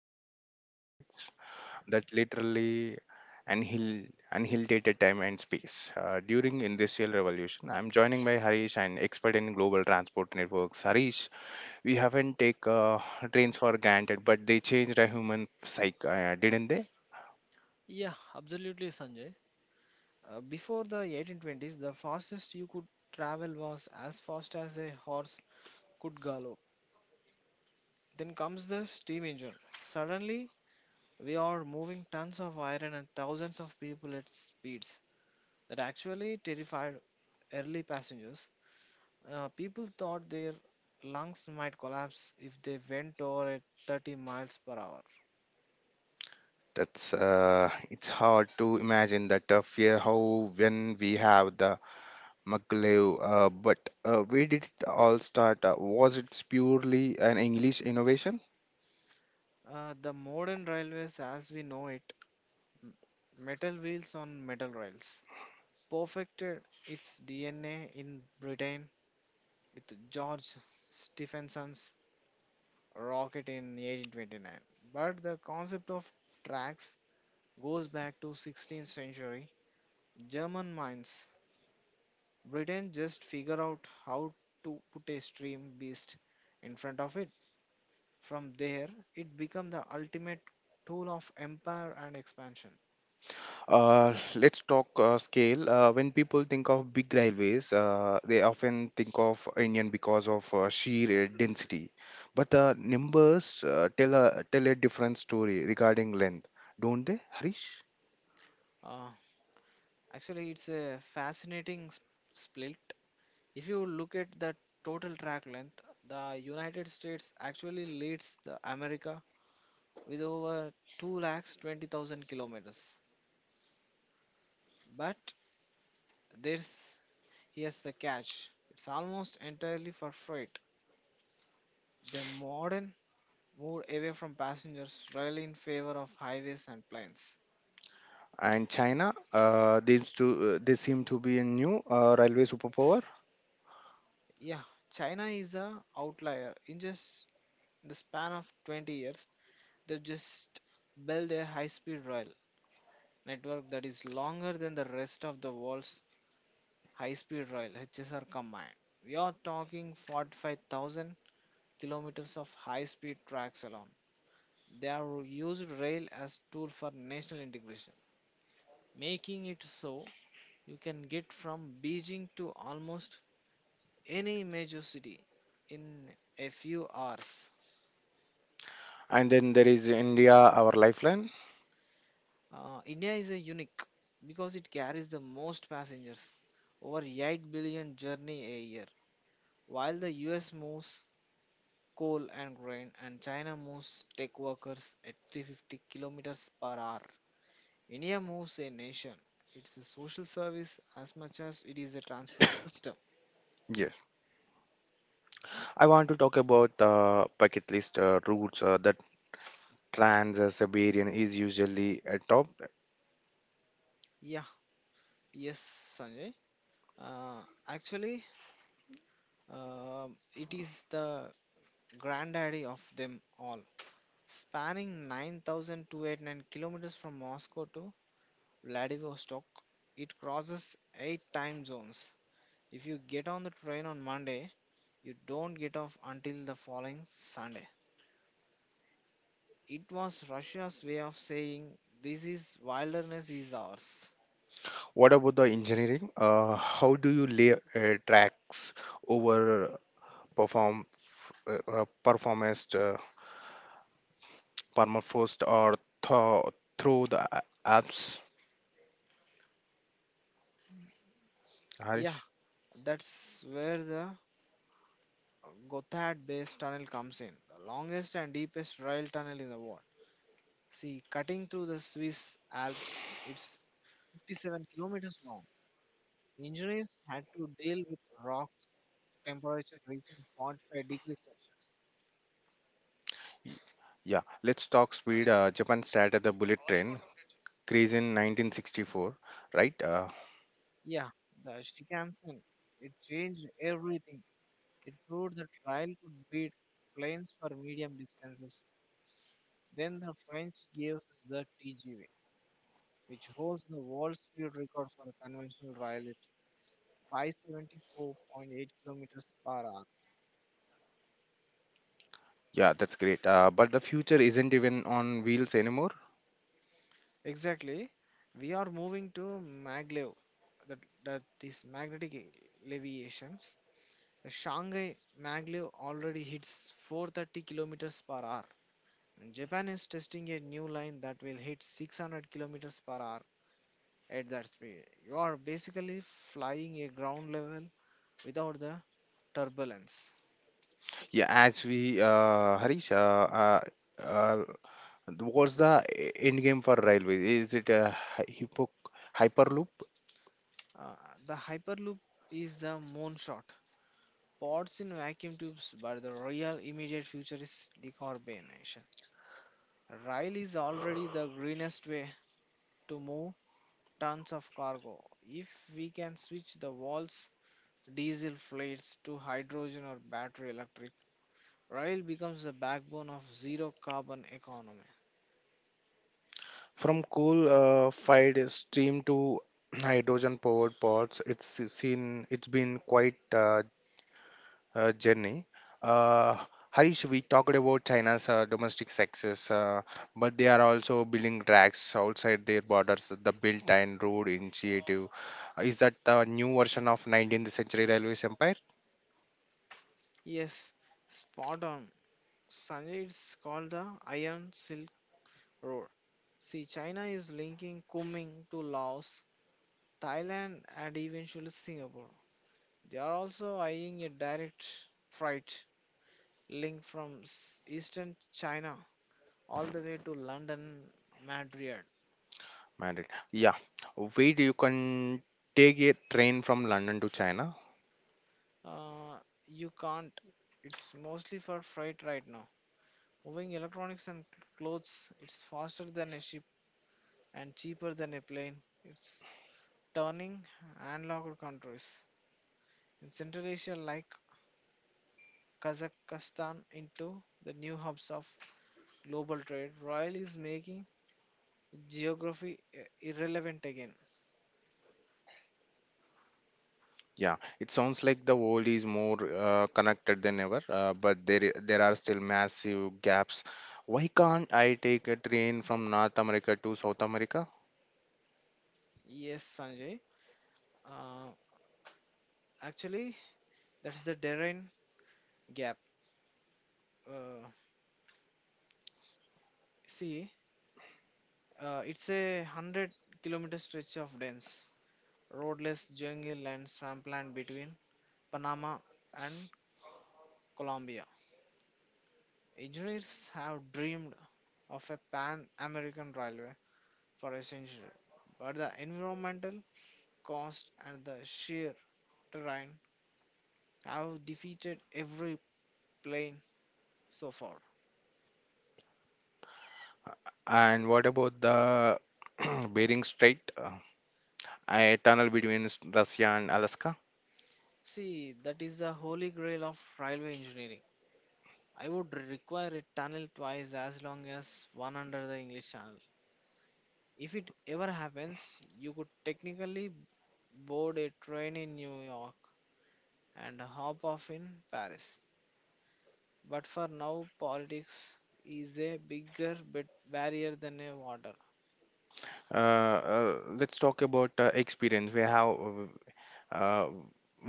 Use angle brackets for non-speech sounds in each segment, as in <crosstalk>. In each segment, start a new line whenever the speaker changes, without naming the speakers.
are looking at the missions that literally annihilated time and space during industrial revolution. I'm joining by Harish, an expert in global transport networks. Harish, we haven't take trains for granted, but they changed a human psyche, didn't they?
Yeah, absolutely, Sanjay. Before the 1820s, the fastest you could travel was as fast as a horse could gallop. Then comes the steam engine. Suddenly, we are moving tons of iron and thousands of people at speeds that actually terrified early passengers. People thought their lungs might collapse if they went over at 30 miles per hour.
That's It's hard to imagine that fear how when we have the Maglev, but where did it all start? Was it purely an English innovation?
The modern railways, as we know it, m- metal wheels on metal rails perfected its DNA in Britain with George Stephenson's rocket in 1829. But the concept of tracks goes back to 16th century German mines. Britain just figure out how to put a stream beast in front of it. From there, it became the ultimate tool of empire and expansion.
Let's talk scale. When people think of big railways, they often think of Indian because of sheer density. But the numbers tell a different story regarding length, don't they, Harish?
Uh, actually, it's a fascinating split. If you look at the total track length, the United States actually leads the America with over 2 lakhs 20,000 kilometers. But there's here's the catch. It's almost entirely for freight. The modern moved away from passengers really in favor of highways and planes.
And China, they seem to be a new railway superpower.
Yeah, China is a outlier. In just the span of 20 years, they've just built a high-speed rail network that is longer than the rest of the world's high speed rail HSR combined. We are talking 45,000 kilometers of high speed tracks alone. They are used rail as tool for national integration, making it so you can get from Beijing to almost any major city in a few hours.
And then there is India, our lifeline.
India is a unique because it carries the most passengers, over 8 billion journey a year, while the US moves coal and grain, and China moves tech workers at 350 kilometers per hour. India moves a nation. It's a social service as much as it is a transport system.
Yes. I want to talk about bucket list routes that trans-Siberian is usually top.
Yeah, yes, Sanjay. Uh, actually, um it is the granddaddy of them all, spanning 9,289 kilometers from Moscow to Vladivostok. It crosses eight time zones. If you get on the train on Monday, you don't get off until the following Sunday. It was Russia's way of saying, "This is wilderness is ours."
What about the engineering? How do you lay tracks over perform performance permafrost or through the apps,
Yeah,
Harish?
that's where the Gothard Base Tunnel comes in, the longest and deepest rail tunnel in the world. See, cutting through the Swiss Alps, it's 57 kilometers long. Engineers had to deal with rock temperature reaching 45 degrees Celsius.
Yeah, let's talk speed. Japan started the bullet train craze in 1964, right?
Yeah, the Shinkansen, it changed everything. It proved that Ryle could beat planes for medium distances. Then the French gave us the TGV, which holds the world speed record for a conventional Ryle at 574.8 kilometers per hour.
Yeah, that's great. But the future isn't even on wheels anymore.
Exactly. We are moving to maglev, that, that is magnetic elevations. The Shanghai maglev already hits 430 kilometers per hour. Japan is testing a new line that will hit 600 kilometers per hour at that speed. You are basically flying a ground level without the turbulence.
Harish, uh, what's the e- end game for railway? Is it a hy- hypo hyperloop?
Uh, the hyperloop is the moonshot. Pods in vacuum tubes, but the real immediate future is decarbonization. Rail is already the greenest way to move tons of cargo. If we can switch the walls, diesel fleets to hydrogen or battery electric, rail becomes the backbone of zero carbon economy.
From coal-fired steam to <clears throat> hydrogen-powered pods, it's been quite a, journey. Uh, Harish, we talked about China's domestic success, but they are also building tracks outside their borders. The Belt and Road Initiative is that the new version of 19th century railways empire?
Yes, spot on. Sunday it's called the Iron Silk Road. See, China is linking Kunming to Laos, Thailand, and eventually Singapore. They are also eyeing a direct freight link from eastern China all the way to London, Madrid.
Madrid. Yeah. Wait, you can take a train from London to China.
Uh, you can't. It's mostly for freight right now. Moving electronics and clothes, it's faster than a ship and cheaper than a plane. It's turning landlocked countries in Central Asia, like Kazakhstan, into the new hubs of global trade, Royal is making geography irrelevant again.
Yeah, it sounds like the world is more connected than ever, there are still massive gaps. Why can't I take a train from North America to South America?
Yes, Sanjay. Uh, actually, that's the terrain gap. Uh, see, it's a 100-kilometer stretch of dense, roadless jungle and swampland between Panama and Colombia. Engineers have dreamed of a pan American railway for a century, but the environmental cost and the sheer terrain have defeated every plan so far.
And what about the <clears throat> Bering Strait, a tunnel between Russia and Alaska?
See, that is the holy grail of railway engineering. I would require a tunnel twice as long as one under the English Channel. If it ever happens, you could technically board a train in New York and hop off in Paris. But for now, politics is a bigger bit barrier than a water.
Uh, uh, let's talk about experience. We have. uh,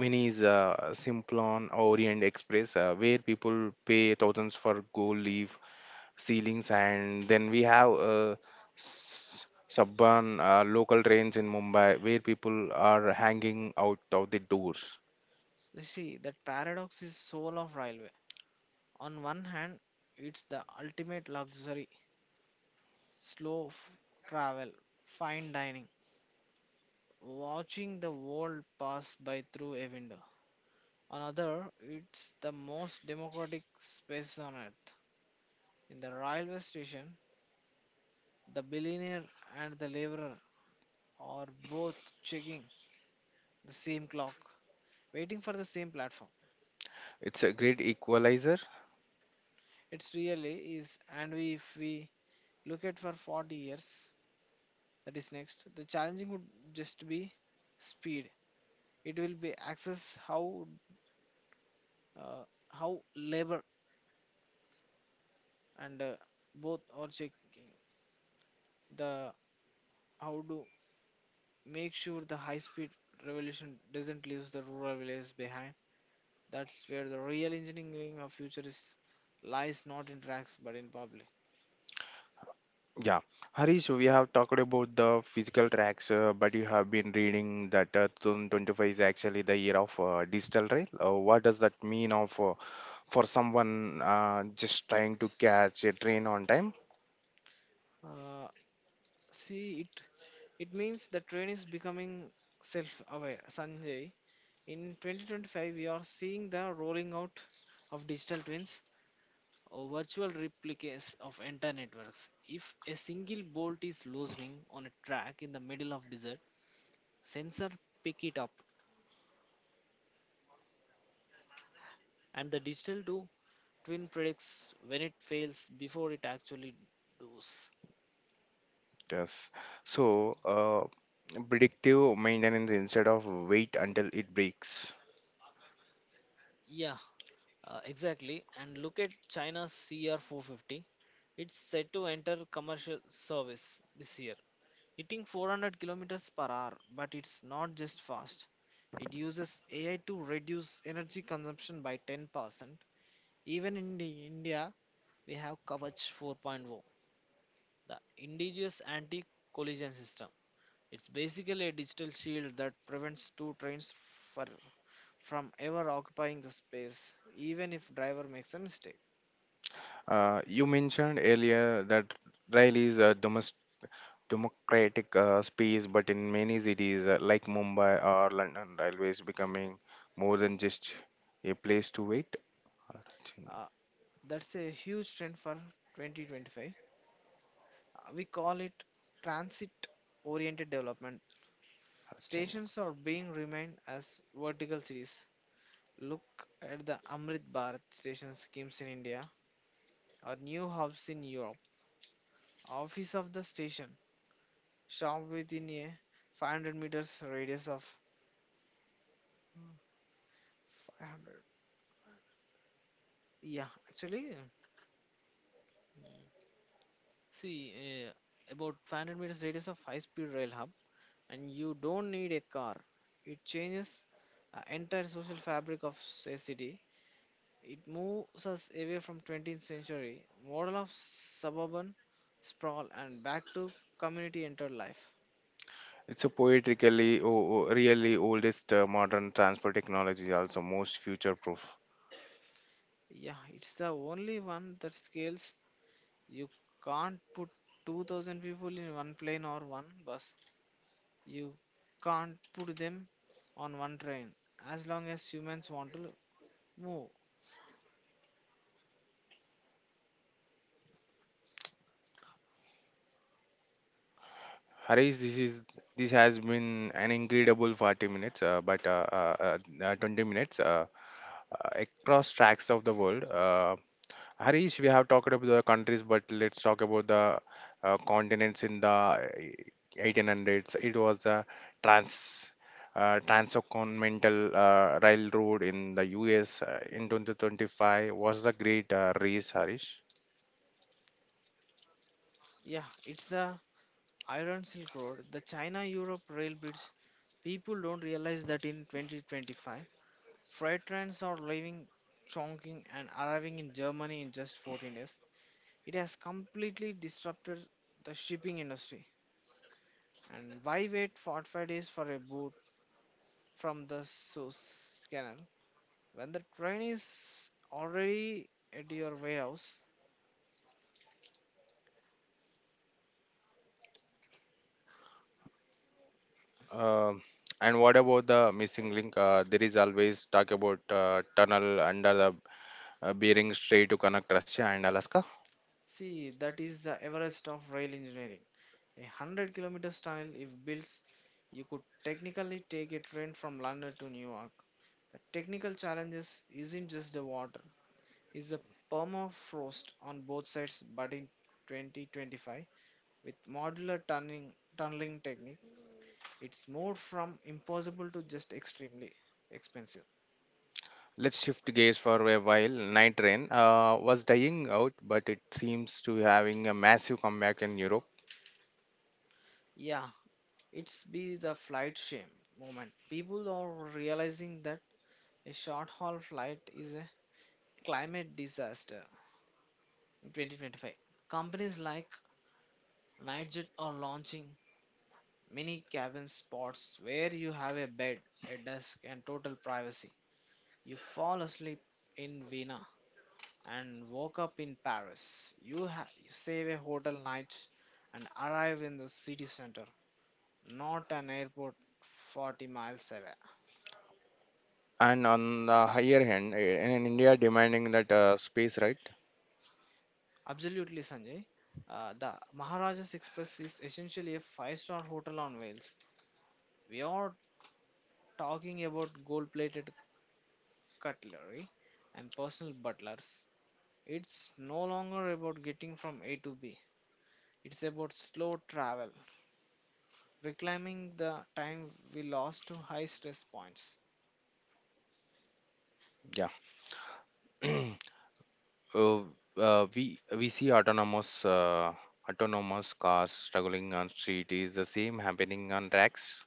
One is Simplon Orient Express, where people pay thousands for gold leaf ceilings, and then we have suburban local trains in Mumbai, where people are hanging out of the doors.
You see, that paradox is soul of railway. On one hand, it's the ultimate luxury, slow travel, fine dining, watching the world pass by through a window. On other, it's the most democratic space on earth. In the railway station, the billionaire and the laborer are both checking the same clock, waiting for the same platform.
It's a great equalizer.
It's really is, and if we look at for 40 years, that is next the challenging would just be speed, it will be access, uh, how labor and both are checking the how to make sure the high speed revolution doesn't leave the rural villages behind. That's where the real engineering of future is lies not in tracks but in public.
Yeah, Harish, we have talked about the physical tracks, but you have been reading that 2025 is actually the year of digital rail. What does that mean of for someone just trying to catch a train on time?
Uh, see it It means the train is becoming self aware. Sanjay, in 2025, we are seeing the rolling out of digital twins or virtual replicas of entire networks. If a single bolt is loosening on a track in the middle of desert, sensor pick it up and the digital do twin predicts when it fails before it actually does.
Yes. So, predictive maintenance instead of wait until it breaks.
Yeah, exactly. And look at China's CR450. It's set to enter commercial service this year, hitting 400 kilometers per hour. But it's not just fast. It uses AI to reduce energy consumption by 10%. Even in the India, we have Kavach 4.0, the indigenous anti-collision system. It's basically a digital shield that prevents two trains for, from ever occupying the space, even if driver makes a mistake.
You mentioned earlier that rail is a domestic. Democratic space, but in many cities like Mumbai or London, railways becoming more than just a place to wait.
Uh, That's a huge trend for 2025. We call it transit oriented development. Stations are being remained as vertical cities. Look at the Amrit Bharat station schemes in India or new hubs in Europe. Office of the station, shop within a 500 meters radius of 500. Yeah, actually, mm, see, uh, about 500 meters radius of high speed rail hub, and you don't need a car. It changes entire social fabric of a city. It moves us away from 20th century model of suburban sprawl and back to community entered life.
It's a poetically, o- o- really oldest modern transport technology, also most future-proof.
Yeah, it's the only one that scales. You can't put 2000 people in one plane or one bus. You can't put them on one train as long as humans want to move.
Harish, this has been an incredible 40 minutes, but 20 minutes uh, across tracks of the world. Harish, we have talked about the countries, but let's talk about the continents in the 1800s. It was the trans transcontinental railroad in the US in 2025 was the great race, Harish.
Yeah, it's the Iron Silk Road, the China Europe rail bridge. People don't realize that in 2025, freight trains are leaving Chongqing and arriving in Germany in just 14 days. It has completely disrupted the shipping industry. And why wait 45 days for a boat from the Suez Canal when the train is already at your warehouse?
Um and what about the missing link? There is always talk about tunnel under the Bering Strait to connect Russia and Alaska.
See, that is the Everest of rail engineering. A 100 kilometers tunnel, if built, you could technically take a train from London to New York. The technical challenges isn't just the water, it's the permafrost on both sides. But in 2025, with modular tunneling technique, it's more from impossible to just extremely expensive.
Let's shift gears for a while. Night Train was dying out, but it seems to having a massive comeback in Europe.
Yeah, it's be the flight shame moment. People are realizing that a short haul flight is climate disaster in 2025. Companies like Nightjet are launching mini cabin spots where you have a bed, a desk, and total privacy. You fall asleep in Vienna and woke up in Paris. You save a hotel night and arrive in the city center, not an airport 40 miles away.
And on the higher hand, in India, demanding that space, right?
Absolutely, Sanjay. The Maharajas Express is essentially a five-star hotel on wheels. We are talking about gold plated cutlery and personal butlers. It's no longer about getting from A to B, it's about slow travel, reclaiming the time we lost to high stress points.
Yeah. <clears throat> uh, we see autonomous cars struggling on street. Is the same happening on tracks?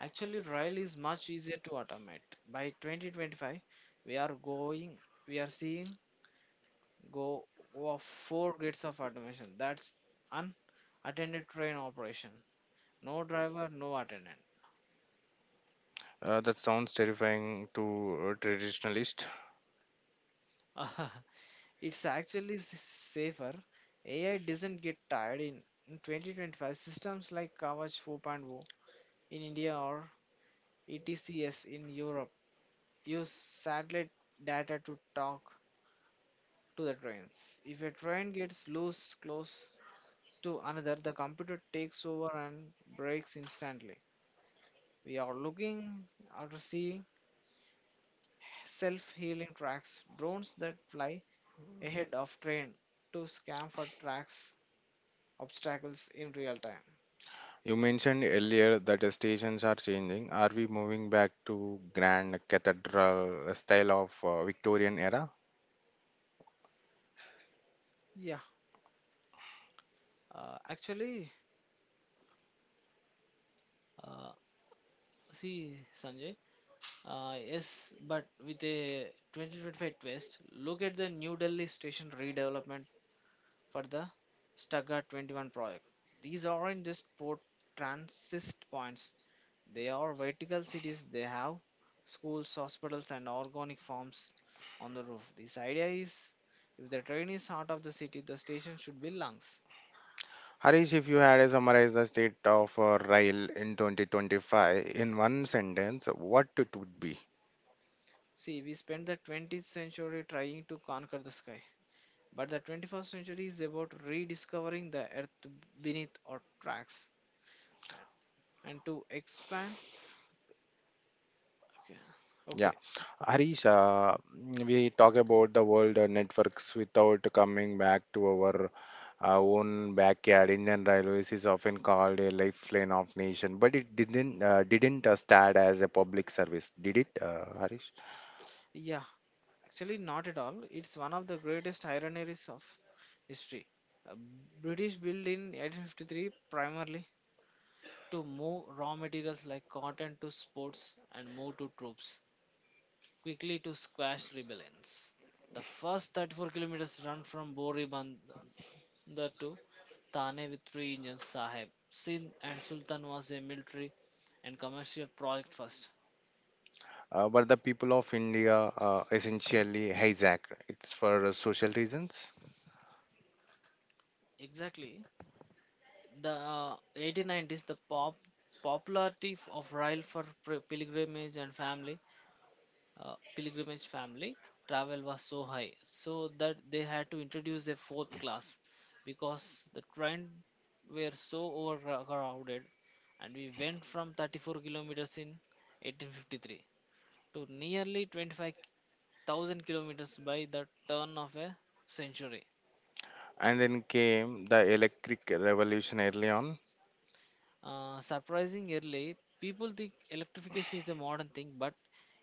Actually, rail is much easier to automate. By 2025, we are going, we are seeing go of four grades of automation. That's unattended train operation. No driver, no attendant.
That sounds terrifying to traditionalists.
<laughs> It's actually safer. AI doesn't get tired in 2025. Systems like Kavach 4.0 in India or ETCS in Europe use satellite data to talk to the trains. If a train gets loose close to another, the computer takes over and breaks instantly. We are looking or seeing self-healing tracks, drones that fly ahead of train to scan for tracks obstacles in real time.
You mentioned earlier that the stations are changing. Are we moving back to grand cathedral style of Victorian era?
Yeah, uh, actually, uh, see, Sanjay, yes, but with a 2025 twist, look at the New Delhi station redevelopment for the Stuttgart 21 project. These aren't just port transit points, they are vertical cities. They have schools, hospitals, and organic farms on the roof. This idea is if the train is heart of the city, the station should be lungs.
Harish, if you had to summarize the state of rail in 2025 in one sentence, what it would be?
See, we spent the 20th century trying to conquer the sky. But the 21st century is about rediscovering the earth beneath our tracks and and to expand. Okay.
Yeah,
Okay.
Harish, we talk about the world networks without coming back to our own backyard. Indian Railways is often called a lifeline of nation, but it didn't start as a public service, did it, Harish?
Yeah, actually, not at all. It's one of the greatest ironies of history. Uh, British built in 1853 primarily to move raw materials like cotton to sports and move to troops quickly to squash rebellions. The first 34 kilometers run from Boriband the to Thane with three engines, Saheb. Sindh and Sultan was a military and commercial project first.
But the people of India essentially hijacked it's for social reasons.
Exactly. The 1890s, the popularity of rail for pilgrimage family travel was so high, so that they had to introduce a fourth class because the train were so overcrowded, and we went from 34 kilometers in 1853 to nearly 25,000 kilometers by the turn of a century.
And then came the electric revolution early on.
Surprising early, people think electrification is a modern thing, but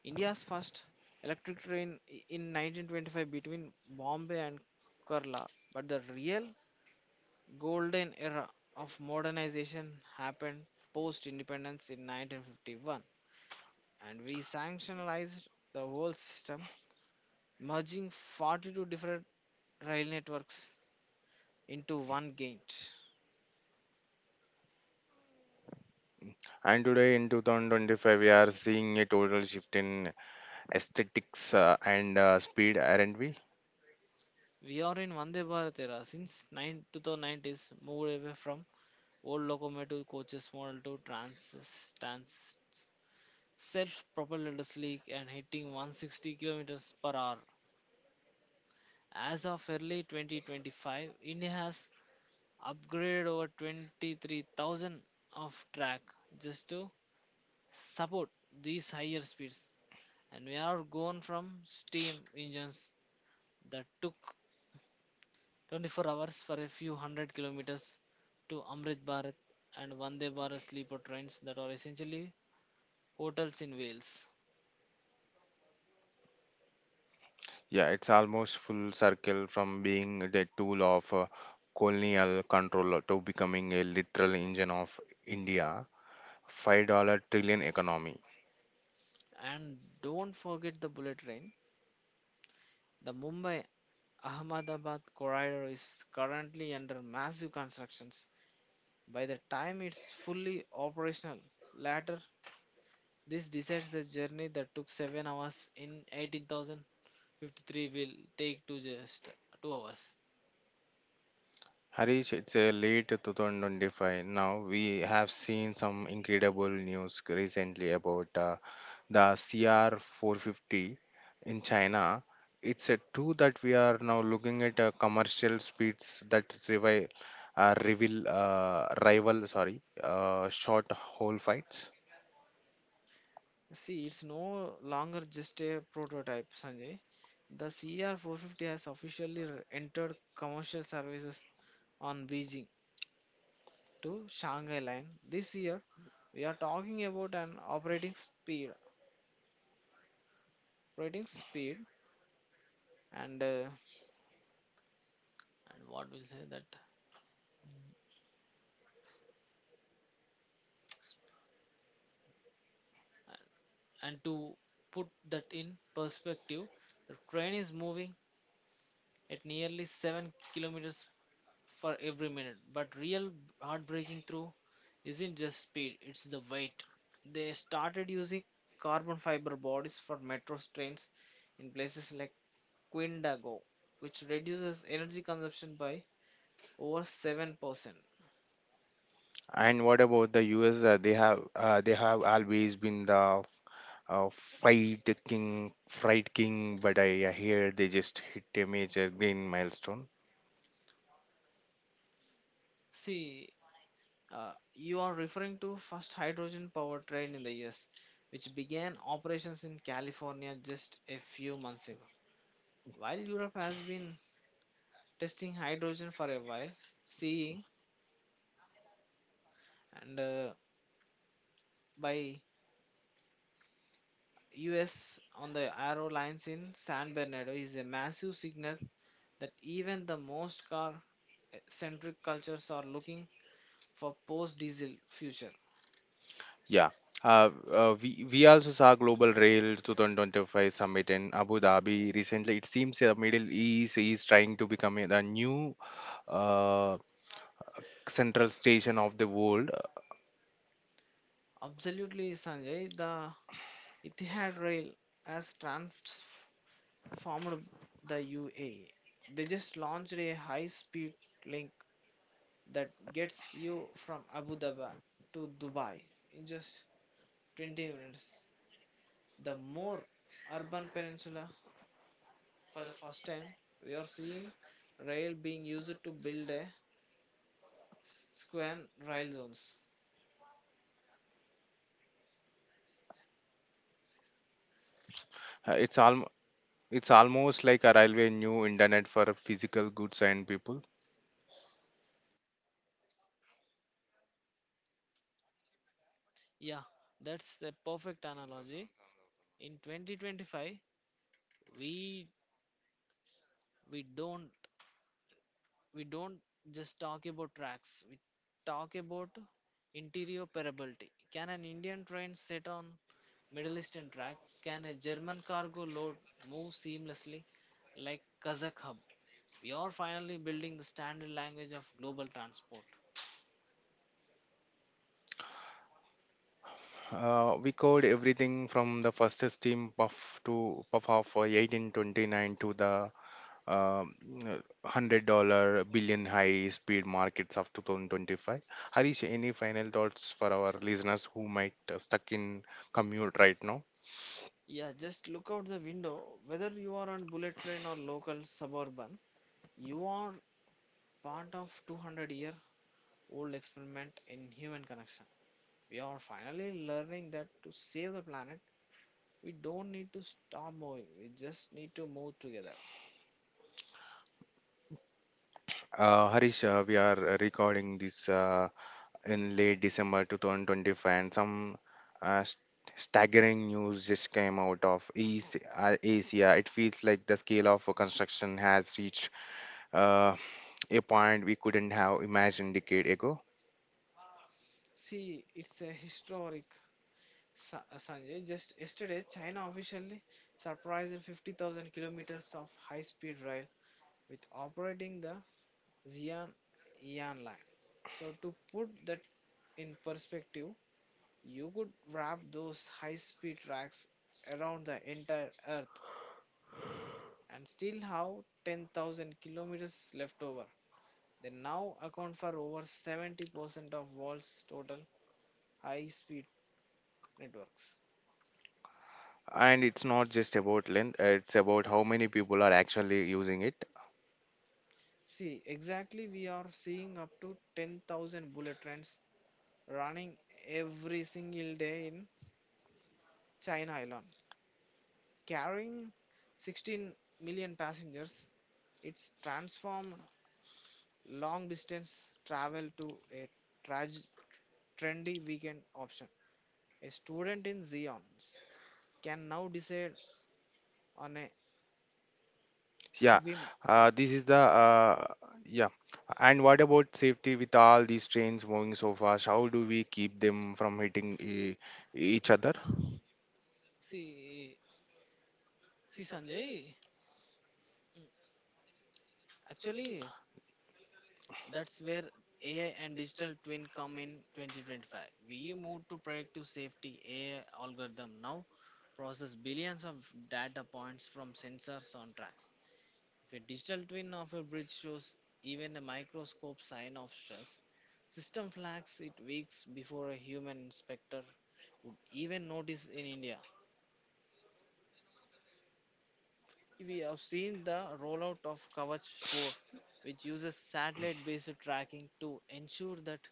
India's first electric train in 1925 between Bombay and Kerala. But the real golden era of modernization happened post independence in 1951, and we sanctionalized the whole system, merging 42 different rail networks into one gauge.
And today in 2025, we are seeing a total shift in aesthetics and speed, aren't we?
We are in Vande Bharat era since 9 2090s, moved away from old locomotive coaches model to trans, trans self-propelled sleek and hitting 160 kilometers per hour. As of early 2025, India has upgraded over 23,000 of track just to support these higher speeds, and we are gone from steam engines that took 24 hours for a few hundred kilometers to Amrit Bharat and Vande Bharat sleeper trains that are essentially hotels in Wales.
Yeah, it's almost full circle from being the tool of colonial control to becoming a literal engine of India, $5 trillion economy.
And don't forget the bullet train. The Mumbai Ahmedabad corridor is currently under massive constructions. By the time it's fully operational, later this decides the journey that took 7 hours in 18,053 will take to just 2 hours.
Harish, it's a late 2025 now. We have seen some incredible news recently about the CR450 in China, it's a true that we are now looking at commercial speeds that revi- reveal rival sorry short hole fights.
See, it's no longer just a prototype, Sanjay. The CR450 has officially entered commercial services on Beijing to Shanghai line this year. We are talking about an operating speed, and uh, and what will say that, and, and to put that in perspective, the train is moving at nearly 7 kilometers for every minute. But real heartbreaking through isn't just speed, it's the weight. They started using carbon fiber bodies for metro trains in places like Quindago, which reduces energy consumption by over 7%.
And what about the US? They have they have always been the fright king. But I hear they just hit a major green milestone.
See, you are referring to first hydrogen powered train in the US, which began operations in California just a few months ago. While Europe has been testing hydrogen for a while, seeing and by US on the Arrow Lines in San Bernardo is a massive signal that even the most car centric cultures are looking for post diesel future.
Yeah. We also saw Global Rail 2025 Summit in Abu Dhabi recently. It seems the Middle East is trying to become the new uh, central station of the world.
Absolutely, Sanjay, the Etihad Rail has transformed the UAE. They just launched a high speed link that gets you from Abu Dhabi to Dubai in just 20 minutes. The more urban peninsula for the first time, we are seeing rail being used to build a square rail zones.
Uh, it's al- it's almost like a railway new internet for physical goods and people.
Yeah, that's the perfect analogy. In 2025, we we don't we don't just talk about tracks. We talk about interoperability. Can an Indian train sit on Middle Eastern track? Can a German cargo load move seamlessly like Kazakh hub? We are finally building the standard language of global transport.
We covered everything from the first steam puff to puff of 1829 to the um, uh, $100 billion high speed markets of 2025. Harish, any final thoughts for our listeners who might stuck in commute right now?
Yeah, just look out the window. Whether you are on bullet train or local suburban, you are part of 200-year-old experiment in human connection. We are finally learning that to save the planet, we don't need to stop moving. We just need to move together.
Harish, we are recording this. In late December 2025, and some uh, st- staggering news just came out of East Asia. It feels like the scale of construction has reached uh, a point we couldn't have imagined decade ago.
See, it's a historic Sanjay. Just yesterday, China officially surprised 50,000 kilometers of high-speed rail with operating the Xi'an Yan line. So to put that in perspective, you could wrap those high speed tracks around the entire earth and still have 10,000 kilometers left over. They now account for over 70% of world's total high speed networks.
And it's not just about length; it's about how many people are actually using it.
See, exactly we are seeing up to 10,000 bullet trains running every single day in China alone, carrying 16 million passengers. It's transformed long distance travel to a trage- trendy weekend option. A student in Zions can now decide on a
Yeah,
whim.
this is the Yeah. And what about safety with all these trains moving so fast? How do we keep them from hitting each other?
See, Sanjay, mm, actually, that's where AI and digital twin come in 2025. We moved to predictive safety AI algorithm now process billions of data points from sensors on tracks. If a digital twin of a bridge shows even a microscope sign of stress, system flags it weeks before a human inspector would even notice in India. We have seen the rollout of Kavach 4, which uses satellite based tracking to ensure that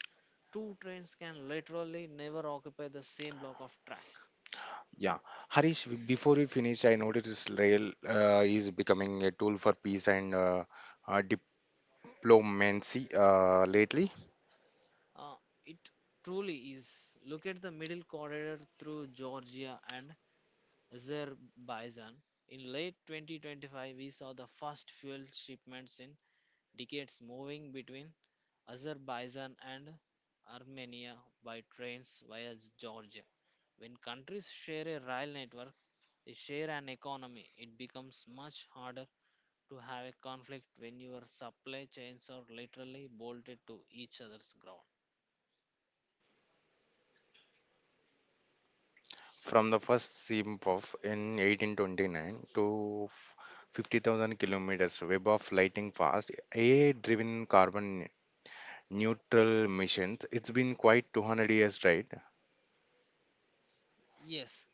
two trains can literally never occupy the same block of track.
Yeah, Harish, before we finish, I noticed rail is becoming a tool for peace and uh, diplomacy lately.
Uh, it truly is. Look at the middle corridor through Georgia and Azerbaijan. In late 2025, we saw the first fuel shipments in decades moving between Azerbaijan and Armenia by trains via Georgia. When countries share a rail network, they share an economy. It becomes much harder to have a conflict when your supply chains are literally bolted to each other's ground.
From the first ship of in 1829 to 50,000 kilometers web of lighting fast, AI-driven carbon neutral missions. It's been quite 200 years, right?
Yes,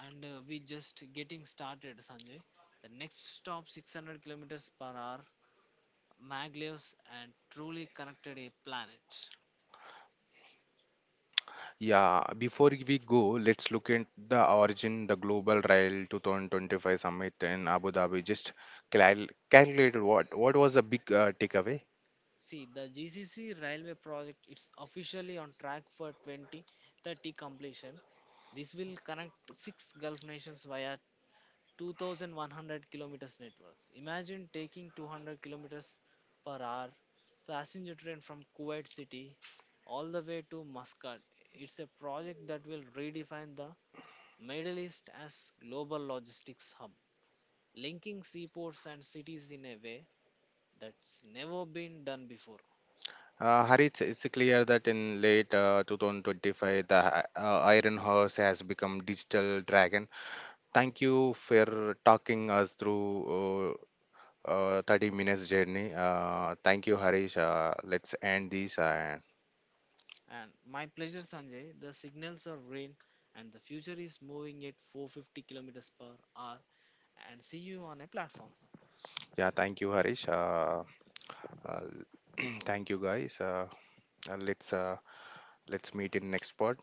and we just getting started, Sanjay. The next stop 600 kilometers per hour maglevs and truly connected a planet.
Yeah, before we go, let's look at the origin, the Global Rail 2025 Summit in Abu Dhabi. Just calculated what was the big takeaway?
See, the GCC railway project is officially on track for 2030 completion. This will connect six Gulf nations via 2100 kilometers networks. Imagine taking 200 kilometers per hour passenger train from Kuwait City all the way to Muscat. It's a project that will redefine the Middle East as global logistics hub, linking seaports and cities in a way that's never been done before.
Harit, it's clear that in late 2025, the Iron Horse has become digital dragon. Thank you for talking us through 30 minutes journey. Thank you, Harish. Let's end this.
And my pleasure, Sanjay. The signals are green, and the future is moving at 450 kilometers per hour. And see you on a platform.
Yeah, thank you, Harish. Uh, <clears throat> thank you, guys. Uh, let's uh, let's meet in next part.